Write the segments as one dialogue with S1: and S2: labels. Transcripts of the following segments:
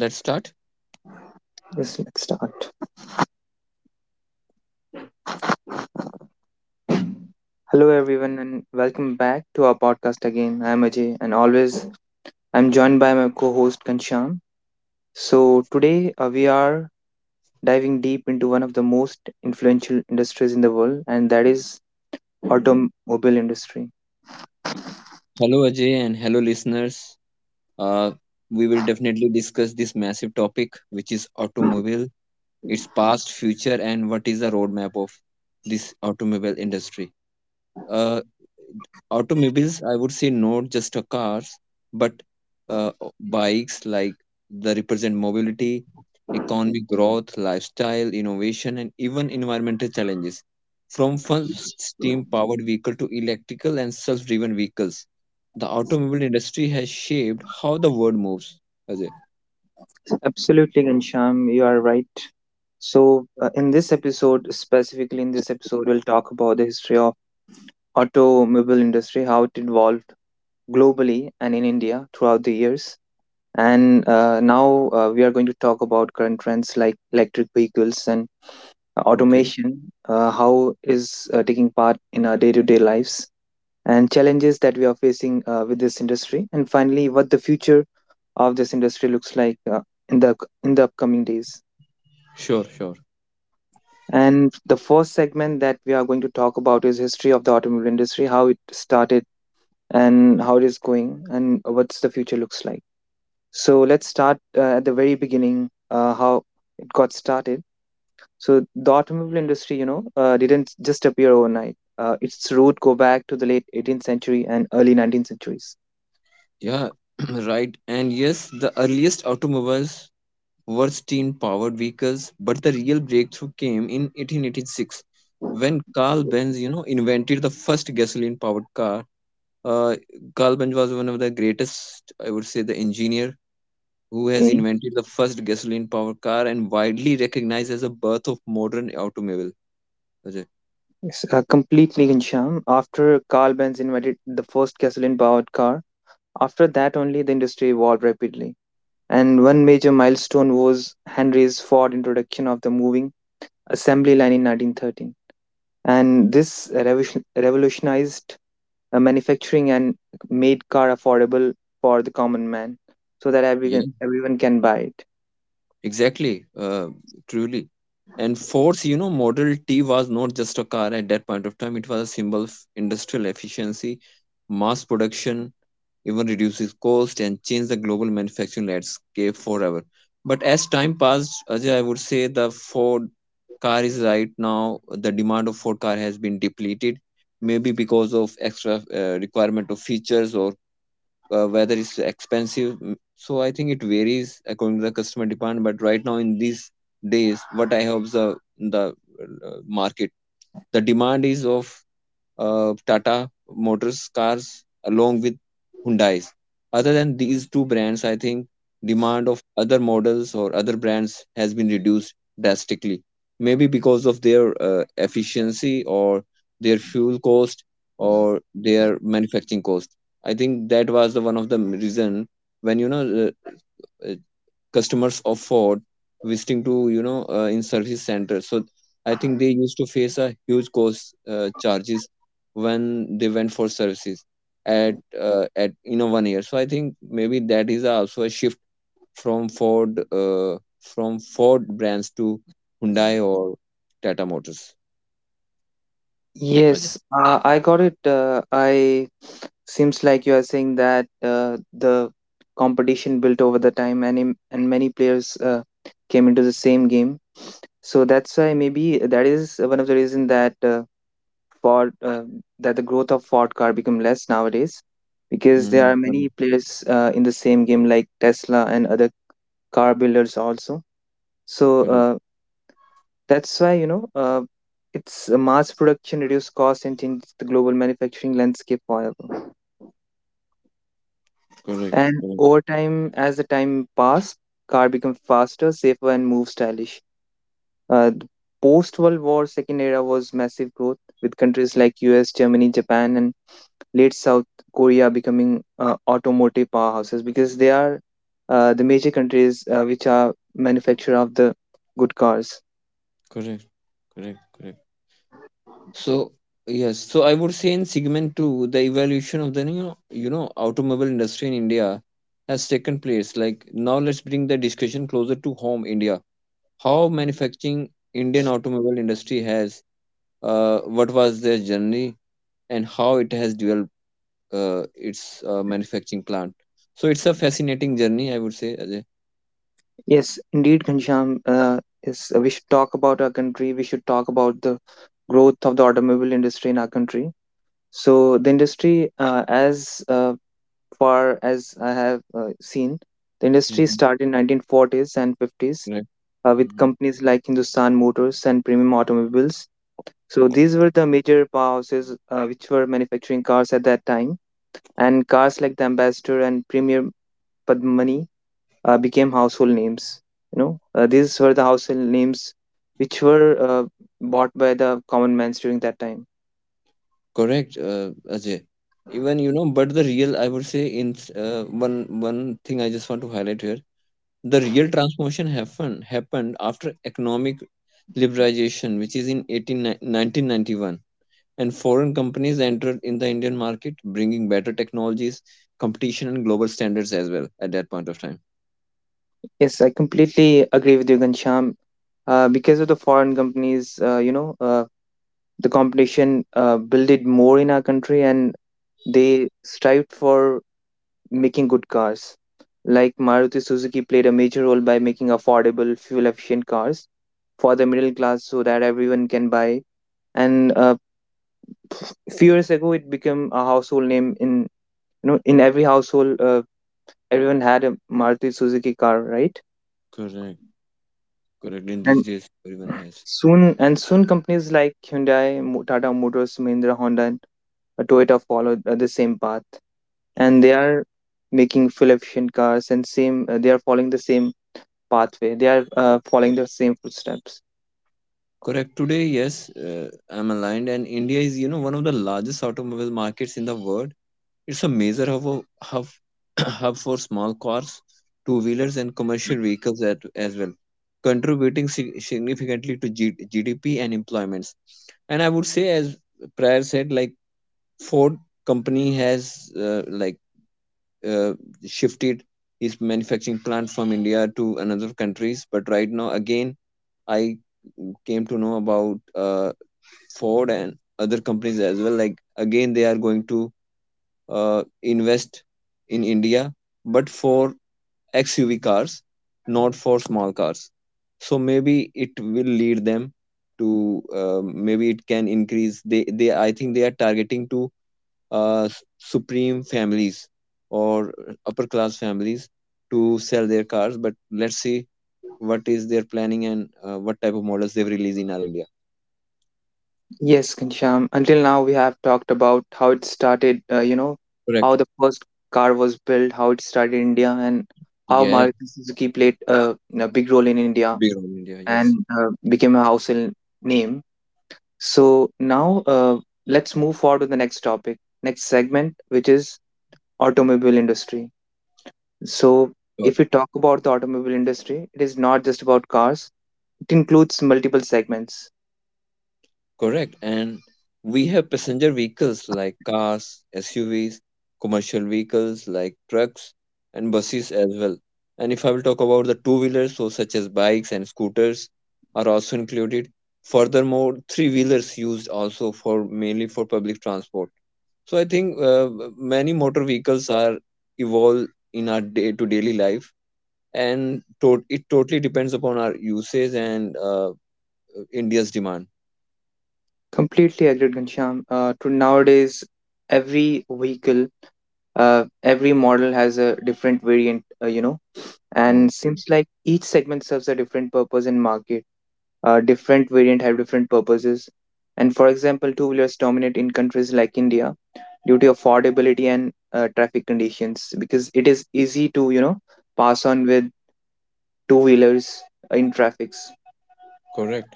S1: Let's start.
S2: Yes, let's start. Hello, everyone, and welcome back to our podcast again. I'm Ajay, and always I'm joined by my co host Kansham. So, today we are diving deep into one of the most influential industries in the world, and that is automobile industry.
S1: Hello, Ajay, and hello, listeners. Uh, we will definitely discuss this massive topic, which is automobile, its past, future, and what is the roadmap of this automobile industry. Uh, Automobiles, I would say not just a cars, but uh, bikes like they represent mobility, economic growth, lifestyle, innovation, and even environmental challenges. From first steam-powered vehicle to electrical and self-driven vehicles, the automobile industry has shaped how the world moves. Ajay.
S2: Absolutely, Kansham, you are right. So, in this episode, specifically in this episode, we'll talk about the history of automobile industry, how it evolved globally and in India throughout the years. And now we are going to talk about current trends like electric vehicles and
S1: Okay.
S2: automation, how is taking part in our day-to-day lives, and challenges that we are facing with this industry, and finally, what the future of this industry looks like in the in the upcoming days.
S1: Sure, sure.
S2: And the first segment that we are going to talk about is history of the automobile industry, how it started and how it is going, and what's the future looks like. So let's start at the very beginning, how it got started. So the automobile industry, you know, didn't just appear overnight. Its root go back to the late 18th century and early 19th centuries.
S1: Yeah, right. And yes, the earliest automobiles were steam-powered vehicles, but the real breakthrough came in 1886 when Carl Benz invented the first gasoline-powered car. Uh, Carl Benz was one of the greatest, I would say, the engineer who has
S2: Okay,
S1: invented the first gasoline-powered car and widely recognized as the birth of modern automobile. Ajay.
S2: yes, completely Ghanshyam. After Carl Benz invented the first gasoline-powered car, after that only the industry evolved rapidly. And one major milestone was Henry's Ford introduction of the moving assembly line in 1913. And this revolutionized manufacturing and made car affordable for the common man so that everyone can buy it.
S1: Exactly, truly. And Ford's Model T was not just a car at that point of time. It was a symbol of industrial efficiency, mass production, even reduces cost and change the global manufacturing landscape forever. But as time passed, Ajay, I would say the Ford car is right now, the demand of Ford car has been depleted, maybe because of extra requirement of features or whether it's expensive. So I think it varies according to the customer demand. But right now in these days, what I have observed in the market, the demand is of Tata Motors cars along with Hyundai's. Other than these two brands, I think demand of other models or other brands has been reduced drastically. Maybe because of their efficiency or their fuel cost or their manufacturing cost. I think that was the one of the reason when you know uh, uh, customers afford visiting to in service centers, so I think they used to face a huge cost charges when they went for services at at one year. So I think maybe that is also a shift from Ford brands to Hyundai or Tata Motors. Ajay.
S2: Yes, I got it. I seems like you are saying that the competition built over the time and many players came into the same game. So that's why maybe that is one of the reason that Ford that the growth of Ford car become less nowadays because
S1: Mm,
S2: there are many
S1: correct,
S2: players in the same game like Tesla and other car builders also. So
S1: correct,
S2: that's why its mass production reduce cost and change the global manufacturing landscape forever.
S1: correct,
S2: And
S1: correct,
S2: over time, as the time passed, car became faster, safer, and more stylish. The post-World War second era was massive growth, with countries like US, Germany, Japan, and late South Korea becoming automotive powerhouses because they are the major countries which are manufacturer of the good cars.
S1: correct, correct, correct. So yes, so I would say in segment two, the evaluation of the new automobile industry in India has taken place. Like now, let's bring the discussion closer to home, India. How manufacturing Indian automobile industry has, what was their journey, and how it has developed its manufacturing plant. So it's a fascinating journey, I would say. Ajay.
S2: Yes, indeed, Ghanshyam, we should talk about our country. We should talk about the growth of the automobile industry in our country. So the industry, as far as I have seen, the industry
S1: Hmm.
S2: started in 1940s and 50s with
S1: Right.
S2: companies like Hindustan Motors and Premium Automobiles. So these were the major powerhouses which were manufacturing cars at that time, and cars like the Ambassador and Premier Padmani became household names. You know, these were the household names which were bought by the common mans during that time.
S1: Correct, Ajay. Even, but the real, I would say, in s- one one thing I just want to highlight here, the real transformation happened after economic liberalization, which is in 1991, and foreign companies entered in the Indian market, bringing better technologies, competition, and global standards as well at that point of time.
S2: Yes, I completely agree with you, Gansham. Because of the foreign companies, the competition built it more in our country and they strived for making good cars. Like Maruti Suzuki played a major role by making affordable, fuel efficient cars for the middle class so that everyone can buy. And few years ago, it became a household name in in every household. Everyone had a Maruti Suzuki car, right?
S1: Correct, correct. In these
S2: And
S1: days, everyone has.
S2: and soon companies like Hyundai, Tata Motors, Mahindra, Honda, and Toyota followed the same path. And they are making fuel efficient cars and same they are following the same pathway, they are following the same footsteps.
S1: Correct. Today, yes, uh, I'm aligned, and India is one of the largest automobile markets in the world. It's a major hub for small cars, two wheelers, and commercial vehicles as well, contributing significantly to GDP and employments. And I would say, as prior said, like Ford company has like uh, shifted its manufacturing plant from India to another countries, but right now again I came to know about Ford and other companies as well. Like again, they are going to invest in India, but for XUV cars, not for small cars. So maybe it will lead them to maybe it can increase. They I think they are targeting to supreme families or upper class families to sell their cars. But let's see what is their planning and what type of models they've released in our India.
S2: Yes, Kancham, until now we have talked about how it started,
S1: Correct.
S2: how the first car was built, how it started in India, and how
S1: Yes.
S2: Maruti Suzuki played a big role in India,
S1: Big on India.
S2: and
S1: Yes.
S2: became a household name. So now uh, let's move forward to the next topic, next segment, which is automobile industry. So,
S1: Sure.
S2: if we talk about the automobile industry, it is not just about cars, it includes multiple segments.
S1: Correct. And we have passenger vehicles like cars, SUVs, commercial vehicles like trucks and buses as well. And if I will talk about the two wheelers, so such as bikes and scooters are also included. Furthermore, three wheelers used also for mainly for public transport. So I think many motor vehicles are evolved in our day to daily life, and it totally depends upon our usage and India's demand.
S2: Completely agreed, Ghanshyam. To nowadays, every vehicle, every model has a different variant,
S1: Mm,
S2: and seems like each segment serves a different purpose in market. Different variant have different purposes. And for example, two wheelers dominate in countries like India due to affordability and traffic conditions because it is easy to, you know, pass on with two wheelers in traffics.
S1: correct.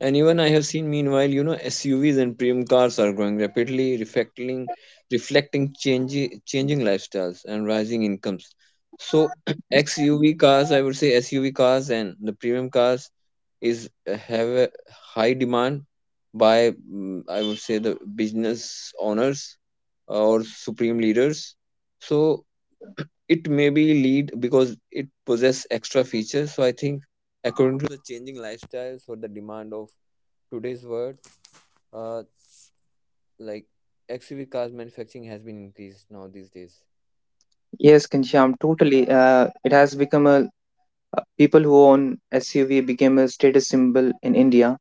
S1: And even I have seen meanwhile, SUVs and premium cars are growing rapidly, reflecting changing lifestyles and rising incomes. So XUV cars, I would say SUV cars and the premium cars is have a high demand by I would say the business owners or supreme leaders. So it may be lead because it possess extra features. So I think.
S2: Yes, Kansham, totally. It has become a People who own SUV became a status symbol in India,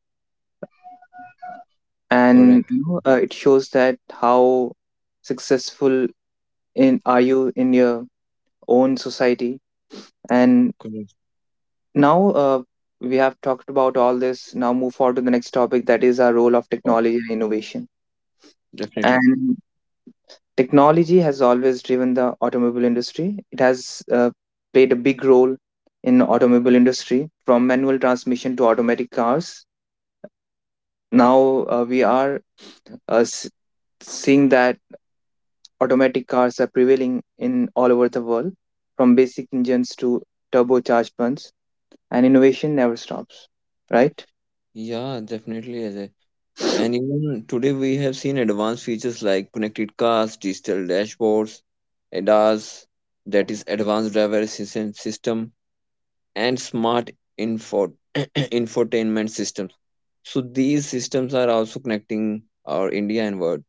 S1: Correct.
S2: and you know, it shows that how successful in are you in your own society. And
S1: Correct.
S2: now we have talked about all this. Now move forward to the next topic, that is our role of
S1: Spot.
S2: technology and innovation.
S1: Definitely.
S2: And technology has always driven the automobile industry. It has played a big role in automobile industry from manual transmission to automatic cars. Now we are uh, s- seeing that automatic cars are prevailing in all over the world, from basic engines to turbocharged ones, and innovation never stops. Right?
S1: Yeah, definitely, Ajay. And even today we have seen advanced features like connected cars, digital dashboards, ADAS, that is advanced driver assistance system, and smart info infotainment systems. So these systems are also connecting our India and world.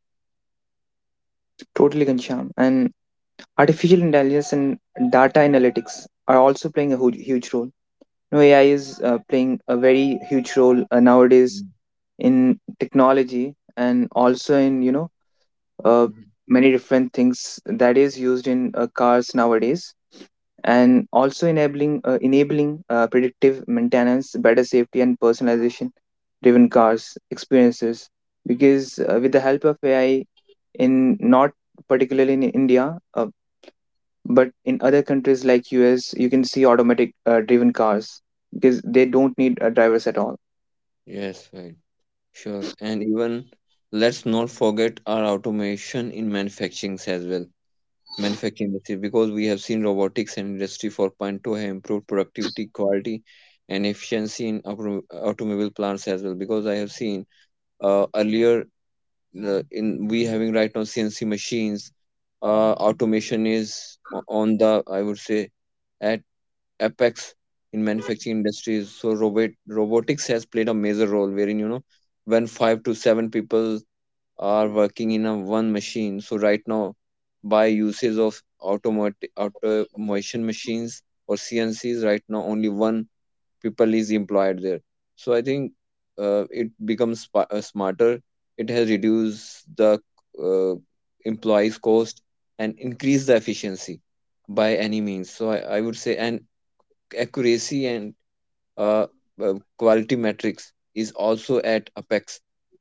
S2: Totally, Ghanshyam. And artificial intelligence and data analytics are also playing a huge role. You know, AI is playing a very huge role nowadays
S1: Mm,
S2: in technology and also in uh,
S1: mhm.
S2: many different things that is used in cars nowadays, and also enabling predictive maintenance, better safety, and personalization driven cars experiences. Because with the help of AI, in not particularly in India, but in other countries like US, you can see automatic driven cars because they don't need drivers at all.
S1: Yes, right. Sure. And even, let's not forget our automation in manufacturing as well. Manufacturing industry, because we have seen robotics and industry 4.2 have improved productivity quality and efficiency in automobile plants as well, because I have seen earlier, in we having right now CNC machines. Automation is on the, I would say, at apex in manufacturing industries. So robotics has played a major role, wherein when five to seven people are working in a one machine. So right now, by usage of automation machines or CNCs, right now only one people is employed there. So I think it becomes smarter. It has reduced the uh, employees' cost and increased the efficiency by any means. So I would say, and accuracy and uh, quality metrics is also at apex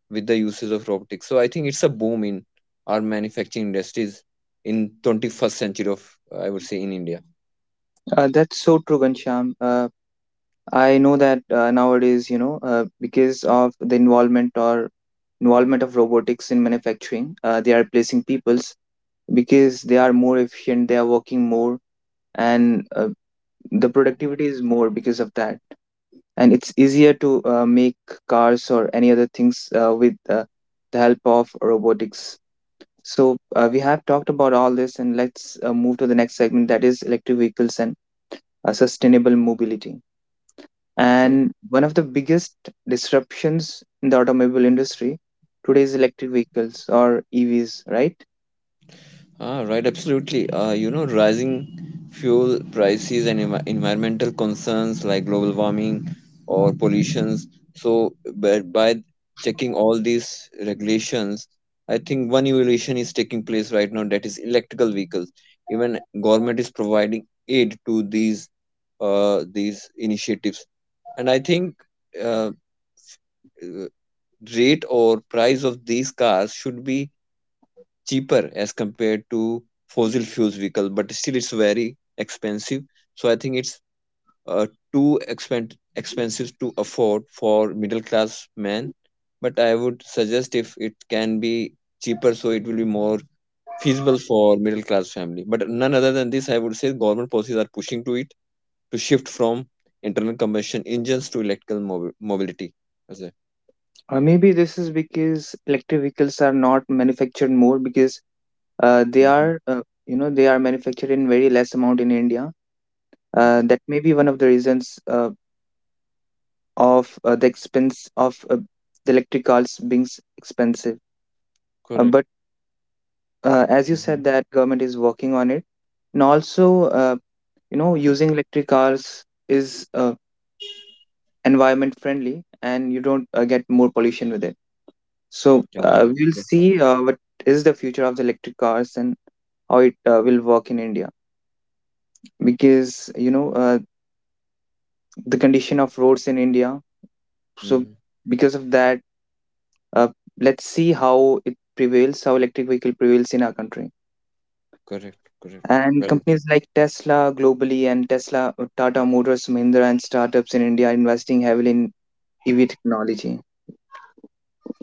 S1: with the uses of robotics. So I think it's a boom in our manufacturing industries in 21st century of, I would say, in India.
S2: That's so true, Gansham. I know that nowadays, you know, because of the involvement or involvement of robotics in manufacturing, they are replacing people's because they are more efficient, they are working more, and the productivity is more because of that. And it's easier to make cars or any other things with the help of robotics. So we have talked about all this, and let's move to the next segment, that is electric vehicles and sustainable mobility.
S1: Sure.
S2: And one of the biggest disruptions in the automobile industry today is electric vehicles or EVs, right?
S1: Ah, right, absolutely. Rising fuel prices and environmental concerns like global warming or pollutions. So, but by checking all these regulations, I think one evolution is taking place right now, that is electrical vehicles. Even government is providing aid to these initiatives, and I think uh, uh, rate or price of these cars should be cheaper as compared to fossil fuels vehicle, but still it's very expensive. So I think it's uh, too expensive to afford for middle class man. But I would suggest if it can be cheaper, so it will be more feasible for middle class family. But none other than this, I would say, government policies are pushing to it to shift from internal combustion engines to electrical mobility. Ajay.
S2: Or maybe this is because electric vehicles are not manufactured more because
S1: Mm-hmm.
S2: you know, they are manufactured in very less amount in India.
S1: Hmm.
S2: That may be one of the reasons of the expense of the electric cars being expensive.
S1: Correct.
S2: But As you said,
S1: Mhm.
S2: that government is working on it, and also, you know, using electric cars is environment friendly and you don't get more pollution with it. So
S1: Yeah,
S2: we'll
S1: that's right.
S2: see what is the future of the electric cars and how it will work in India, because the condition of roads in India. So
S1: Mhm.
S2: because of that, uh, let's see how it prevails, how electric vehicle prevails in our country.
S1: Correct, correct.
S2: And
S1: Well said.
S2: companies like Tesla globally and tesla Tata Motors, Mahindra, and startups in India are investing heavily in EV technology.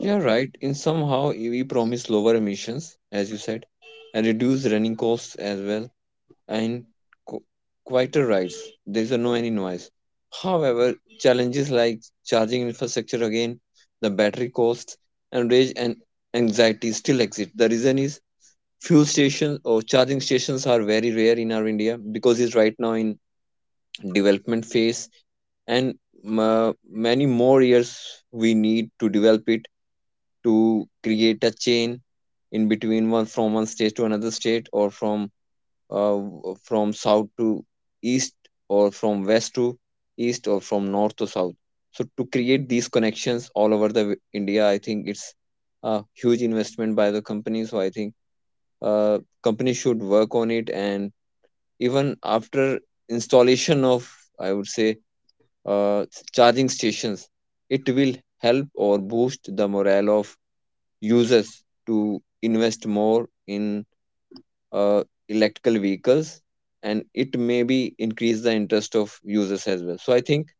S1: You right. In somehow, we promise lower emissions, as you said, and reduce running costs as well, and qu- quieter rides. There is no any noise. However, challenges like charging infrastructure again, the battery costs, and rage and anxiety still exist. The reason is fuel stations or charging stations are very rare in our India, because it's right now in development phase, and ma many more years we need to develop it to create a chain in between one from one state to another state, or from south to east, or from west to east, or from north to south. So to create these connections all over the India, I think it's a huge investment by the company. So I think uh, companies should work on it. And even after installation of, I would say, uh, charging stations, it will help or boost the morale of users to invest more in uh, electrical vehicles, and it may be increase the interest of users as well. So I think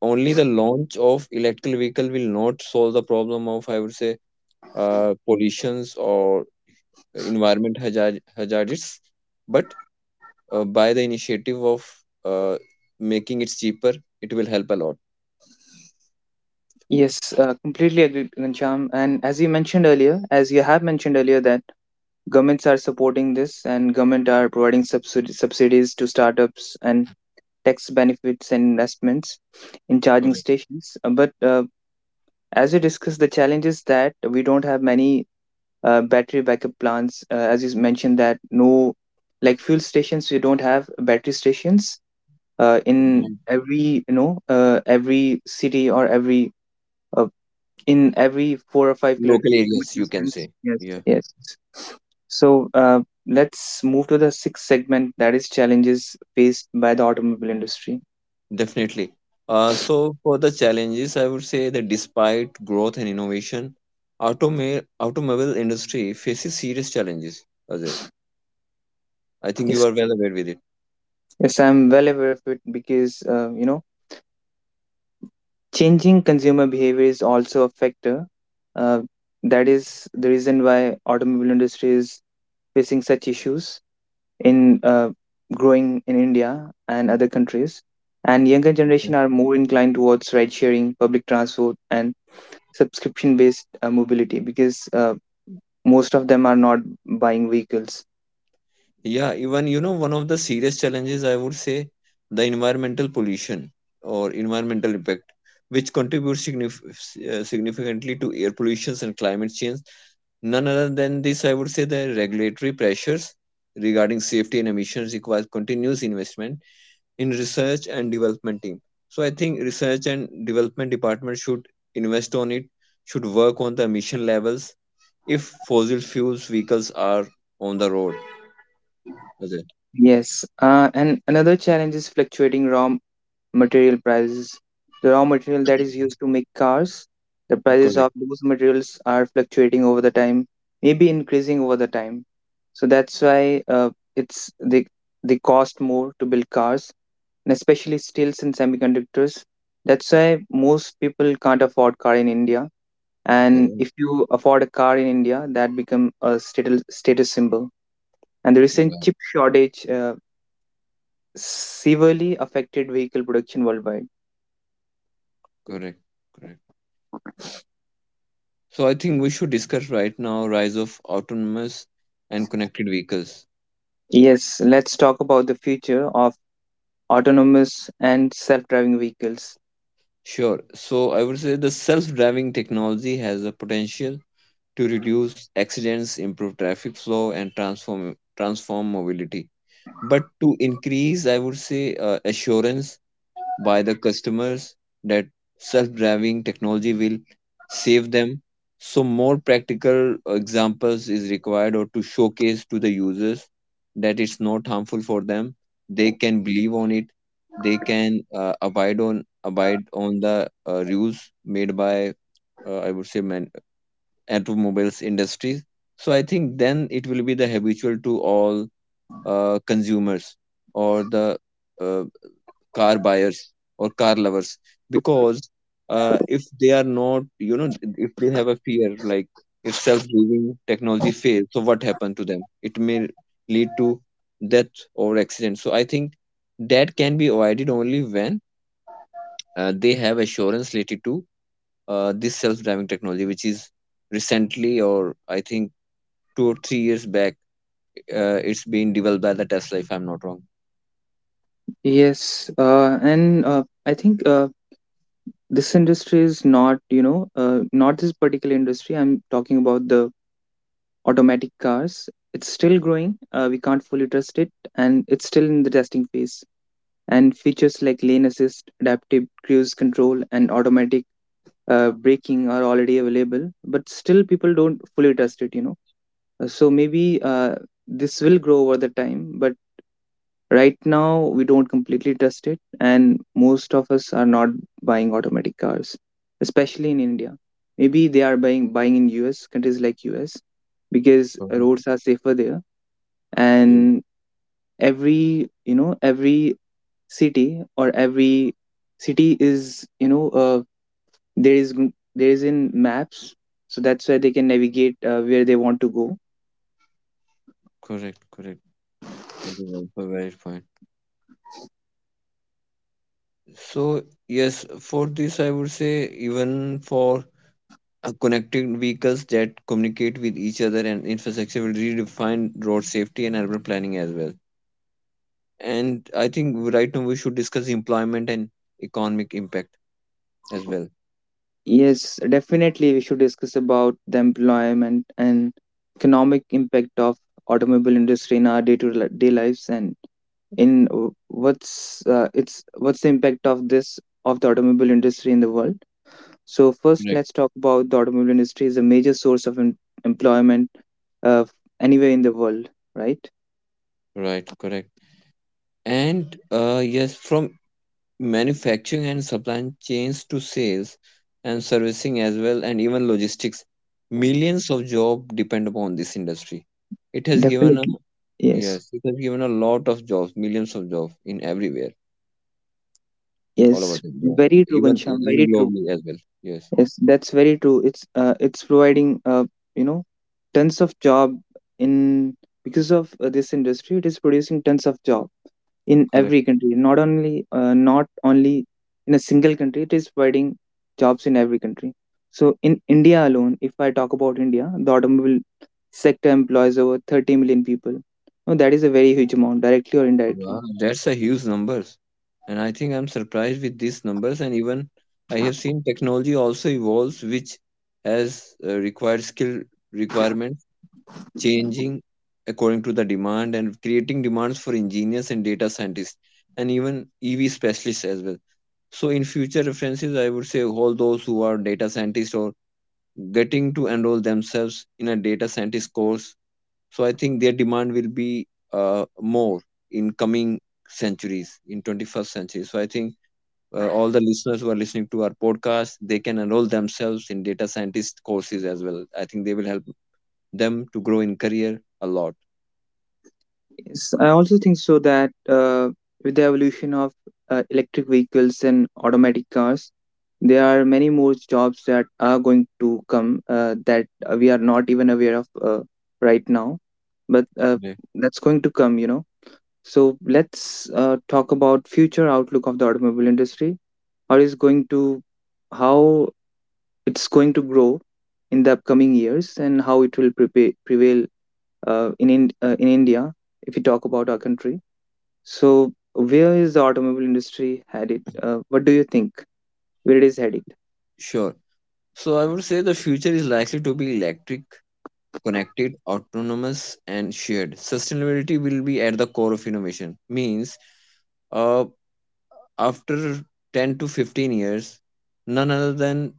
S1: only the launch of electrical vehicle will not solve the problem of, I would say, pollutions or environment hazards, but by the initiative of uh, making it cheaper, it will help a lot.
S2: Yes, completely agree, Ghanshyam. And as you mentioned earlier, as you have mentioned earlier, that governments are supporting this and government are providing subsidies to startups and tax benefits and investments in charging
S1: Correct.
S2: stations. But as we discussed, the challenge is that we don't have many battery backup plants. As you mentioned, that no, like fuel stations, we don't have battery stations in
S1: Correct.
S2: every every city or every uh, in every four or five
S1: Local
S2: kilometer
S1: areas, you can
S2: distance.
S1: say.
S2: Yes,
S1: Yeah,
S2: yes. So let's move to the sixth segment, that is challenges faced by the automobile industry.
S1: definitely. So for the challenges, I would say that despite growth and innovation, automobile industry faces serious challenges, Ajay. I think you
S2: Yes,
S1: are well aware with it.
S2: yes, I'm well aware of it because you know, changing consumer behavior is also a factor. Uh, that is the reason why automobile industry is facing such issues in growing in India and other countries. And younger
S1: Yeah.
S2: generation are more inclined towards ride sharing, public transport, and subscription based mobility because most of them are not buying vehicles.
S1: Yeah, even one of the serious challenges, I would say, the environmental pollution or environmental impact, which contributes significantly to air pollution and climate change. None other than this, I would say the regulatory pressures regarding safety and emissions requires continuous investment in research and development team. So I think research and development department should invest on it, should work on the emission levels if fossil fuels vehicles are on the road. Ajay.
S2: Yes, and another challenge is fluctuating raw material prices. The raw material that is used to make cars, the prices of
S1: Correct,
S2: those materials are fluctuating over the time, maybe increasing over the time. So that's why it's they cost more to build cars, and especially steels and semiconductors. That's why most people can't afford car in india, and
S1: correct,
S2: if you afford a car in india that become a status symbol. And the recent
S1: right,
S2: chip shortage severely affected vehicle production worldwide.
S1: correct, correct. So I think we should discuss right now rise of autonomous and connected vehicles.
S2: Yes, let's talk about the future of autonomous and self-driving vehicles.
S1: Sure. So I would say the self-driving technology has a potential to reduce accidents, improve traffic flow, and transform mobility. But to increase, I would say, assurance by the customers that self-driving technology will save them. So more practical examples is required, or to showcase to the users that it's not harmful for them. They can believe on it. They can abide on the rules made by, I would say, man, automobiles industries. So I think then it will be the habitual to all consumers, or the uh, car buyers or car lovers, because if they are not, you know, if they have a fear like if self-driving technology fails, so what happened to them, it may lead to death or accident. So I think that can be avoided only when they have assurance related to this self-driving technology, which is recently, or I think 2 or 3 years back. It's been developed by the Tesla, if I'm not wrong.
S2: Yes, and I think this industry is not you know not this particular industry. I'm talking about the automatic cars. It's still growing. Uh, we can't fully trust it, and it's still in the testing phase. And features like lane assist, adaptive cruise control, and automatic braking are already available, but still people don't fully trust it. So maybe this will grow over the time, but right now we don't completely trust it, and most of us are not buying automatic cars, especially in India. Maybe they are buying in US countries like US, because
S1: Mhm.
S2: roads are safer there.
S1: Yeah.
S2: And every you know every city, or every city is there is there is in maps, so that's why they can navigate where they want to go.
S1: Correct, correct. A valid point. So yes, for this I would say, even for connected vehicles that communicate with each other and infrastructure will redefine road safety and urban planning as well. And I think right now we should discuss employment and economic impact as well.
S2: Yes, definitely we should discuss about the employment and economic impact of automobile industry in our day to day lives, and what's it's what's the impact of this, of the automobile industry in the world. So first
S1: Correct.
S2: let's talk about the automobile industry is a major source of employment uh, anywhere in the world, right?
S1: Right, correct. And yes, from manufacturing and supply chains to sales and servicing as well, and even logistics, millions of jobs depend upon this industry. It has given a,
S2: Definitely. Yes.
S1: yes, it has given a lot of jobs, millions of jobs in everywhere, all over
S2: Yes.
S1: the world,
S2: Very true,
S1: even
S2: Ghanshyam. Very
S1: in
S2: true.
S1: globally as well. Yes,
S2: Yes, that's very true. It's providing you know, tons of job in, because of this industry. It is producing tons of job in
S1: correct.
S2: every country. Not only in a single country. It is providing jobs in every country. So in India alone, if I talk about India, the automobile sector employs over 30 million people. Now that is a very huge amount, directly or indirectly.
S1: Wow, that's a huge numbers, and I think I'm surprised with these numbers. And even I have seen technology also evolves, which has required skill requirement changing according to the demand and creating demands for engineers and data scientists and even EV specialists as well. So in future references, I would say all those who are data scientists or getting to enroll themselves in a data scientist course. So I think their demand will be more in coming centuries, in 21st century. So I think all the listeners who are listening to our podcast, they can enroll themselves in data scientist courses as well. I think they will help them to grow in career a lot.
S2: Yes, I also think so that with the evolution of electric vehicles and automatic cars, there are many more jobs that are going to come that we are not even aware of right now, but
S1: Yeah.
S2: that's going to come. So let's talk about future outlook of the automobile industry. How is going to, how it's going to grow in the upcoming years, and how it will prevail in in India, if we talk about our country. So, where is the automobile industry headed? What do you think? Where it is headed?
S1: Sure. So I would say the future is likely to be electric, connected, autonomous, and shared. Sustainability will be at the core of innovation. Means, uh, after 10 to 15 years, none other than,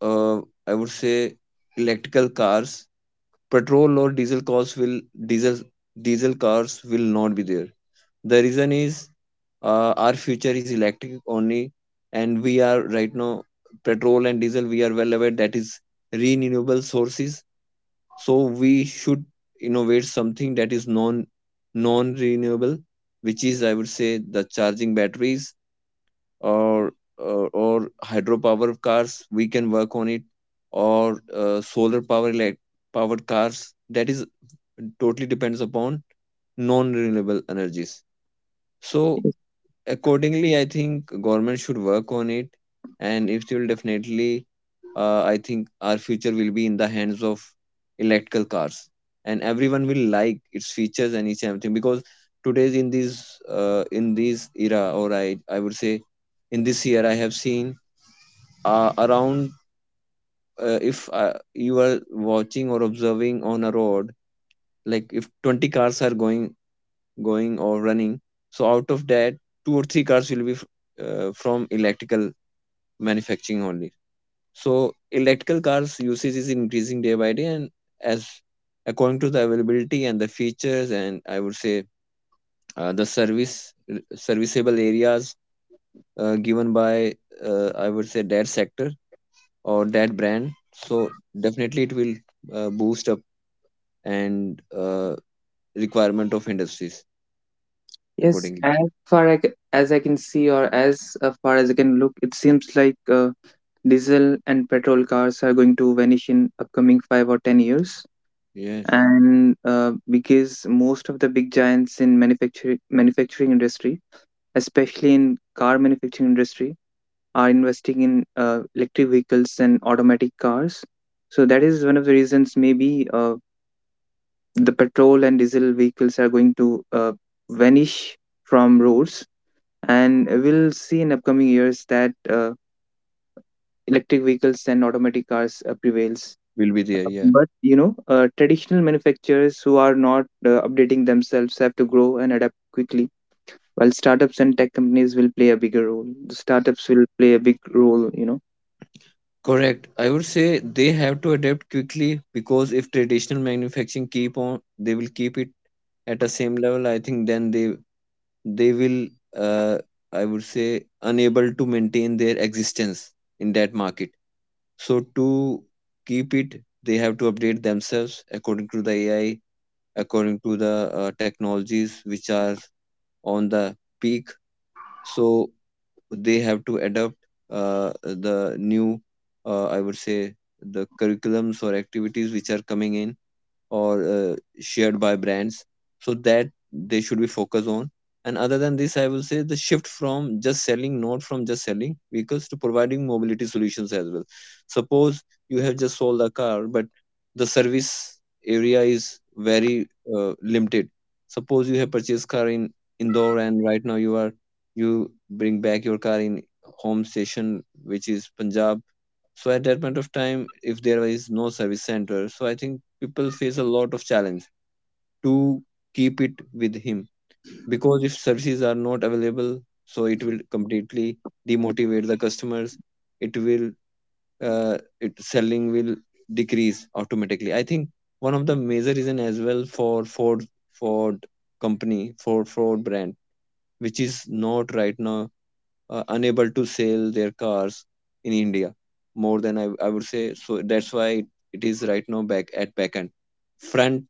S1: uh, I would say, electrical cars, petrol or diesel cars will, diesel diesel cars will not be there. The reason is, our future is electric only, and we are right now petrol and diesel. We are well aware that is renewable sources. So we should innovate something that is non renewable, which is, I would say, the charging batteries, or hydropower cars. We can work on it, or powered cars. That is totally depends upon non renewable energies. So
S2: Yes,
S1: accordingly, I think government should work on it, and it will definitely, I think our future will be in the hands of electrical cars, and everyone will like its features and each and everything, because today's, in this era, or I would say, in this year, I have seen around, if you are watching or observing on a road, like if 20 cars are going or running. So out of that, two or three cars will be from electrical manufacturing only. So electrical cars usage is increasing day by day, and as according to the availability and the features, and I would say uh, the serviceable areas given by, I would say, that sector or that brand. So definitely it will boost up, and requirement of industries
S2: yes,
S1: accordingly.
S2: as far I as I can see, or as far as I can look, it seems like diesel and petrol cars are going to vanish in upcoming five or ten years.
S1: Yes,
S2: And because most of the big giants in manufacturing industry, especially in car manufacturing industry, are investing in electric vehicles and automatic cars. So that is one of the reasons maybe the petrol and diesel vehicles are going to vanish from roads, and we'll see in upcoming years that electric vehicles and automatic cars prevails.
S1: will be there. Yeah.
S2: But traditional manufacturers who are not updating themselves have to grow and adapt quickly, while startups and tech companies will play a bigger role. The startups will play a big role, you know.
S1: Correct. I would say they have to adapt quickly, because if traditional manufacturing keep on, they will keep it at a same level. I think then they will, uh, I would say, unable to maintain their existence in that market. So to keep it, they have to update themselves according to the AI, according to the technologies which are on the peak. So they have to adapt the new, I would say, the curriculums or activities which are coming in, or shared by brands, so that they should be focused on. And other than this, I will say the shift from just selling not from just selling vehicles to providing mobility solutions as well. Suppose you have just sold a car, but the service area is very limited. Suppose you have purchased car in Indore, and right now you are, you bring back your car in home station, which is Punjab. So at that point of time, if there is no service center, so I think people face a lot of challenge to keep it with him, because if services are not available, so it will completely demotivate the customers. It will, it selling will decrease automatically. I think one of the major reason as well for Ford Ford company Ford Ford brand, which is not right now, unable to sell their cars in India more than I would say. So that's why it, it is right now back at back end. Front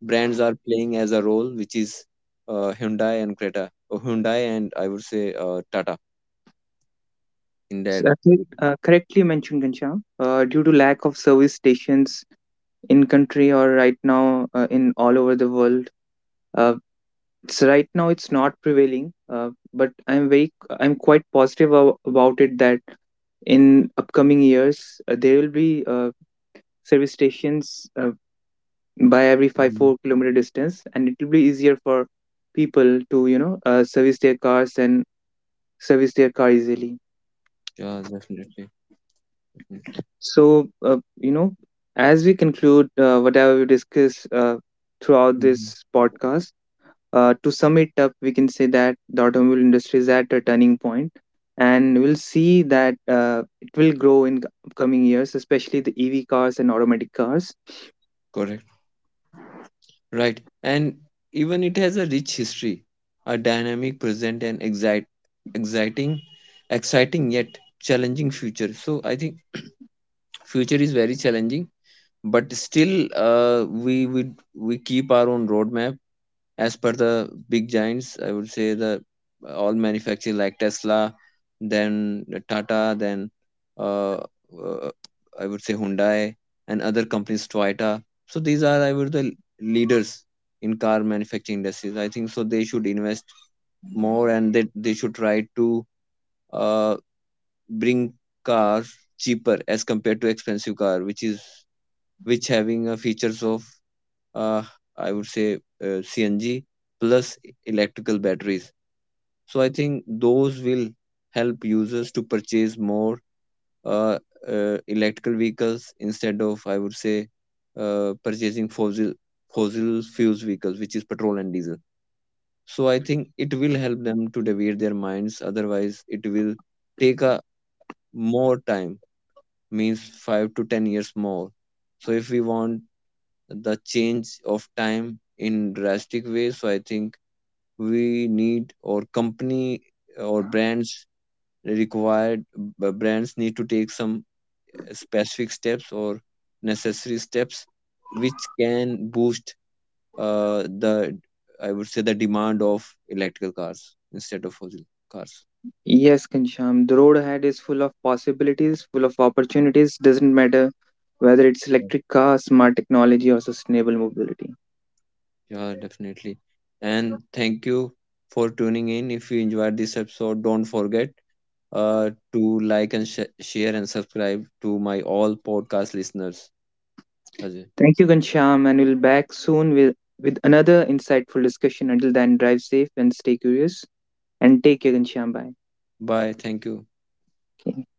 S1: brands are playing as a role, which is Hyundai and Creta, or Hyundai and, I would say, Tata in that.
S2: Correctly mentioned, Ghanshyam. Uh, due to lack of service stations in country, or right now in all over the world, uh, it's right now it's not prevailing. Uh, but I'm very, I'm quite positive about it, that in upcoming years there will be uh, service stations uh, by every 5
S1: Mhm.
S2: 4 kilometer distance, and it will be easier for people to service their cars and service their car easily.
S1: Yeah, definitely, definitely.
S2: So uh, you know as we conclude whatever we discuss uh, throughout this
S1: Mhm.
S2: podcast. To sum it up, we can say that the automobile industry is at a turning point, and we'll see that it will grow in upcoming years, especially the EV cars and automatic cars.
S1: Correct. Right. And even it has a rich history, a dynamic present, and exciting, exciting yet challenging future. So I think future is very challenging, but still we keep our own roadmap as per the big giants. I would say the all manufacturers like Tesla, then Tata, then, uh, uh, I would say, Hyundai, and other companies, Toyota. So these are, I would, the leaders in car manufacturing industries, I think. So they should invest more, and they should try to uh, bring cars cheaper as compared to expensive car, which is which having a features of, uh, I would say, CNG plus electrical batteries. So I think those will help users to purchase more, uh, electrical vehicles instead of, I would say, purchasing fossil fuels vehicles, which is petrol and diesel. So I think it will help them to deviate their minds. Otherwise, it will take a more time, means 5 to 10 years more. So if we want the change of time in drastic ways. So I think we need, or company or brands required, brands need to take some specific steps or necessary steps which can boost the, I would say, the demand of electrical cars instead of fossil cars.
S2: Yes, Kansham, the road ahead is full of possibilities, full of opportunities. Doesn't matter whether it's
S1: Okay.
S2: electric cars, smart technology, or sustainable mobility.
S1: Yeah, definitely. And thank you for tuning in. If you enjoyed this episode, don't forget to like and share and subscribe to my all podcast listeners. Ajay.
S2: Thank you, Kansham, and we'll back soon with another insightful discussion. Until then, drive safe and stay curious. And take care, Kansham. Bye.
S1: Bye. Thank you.
S2: Okay.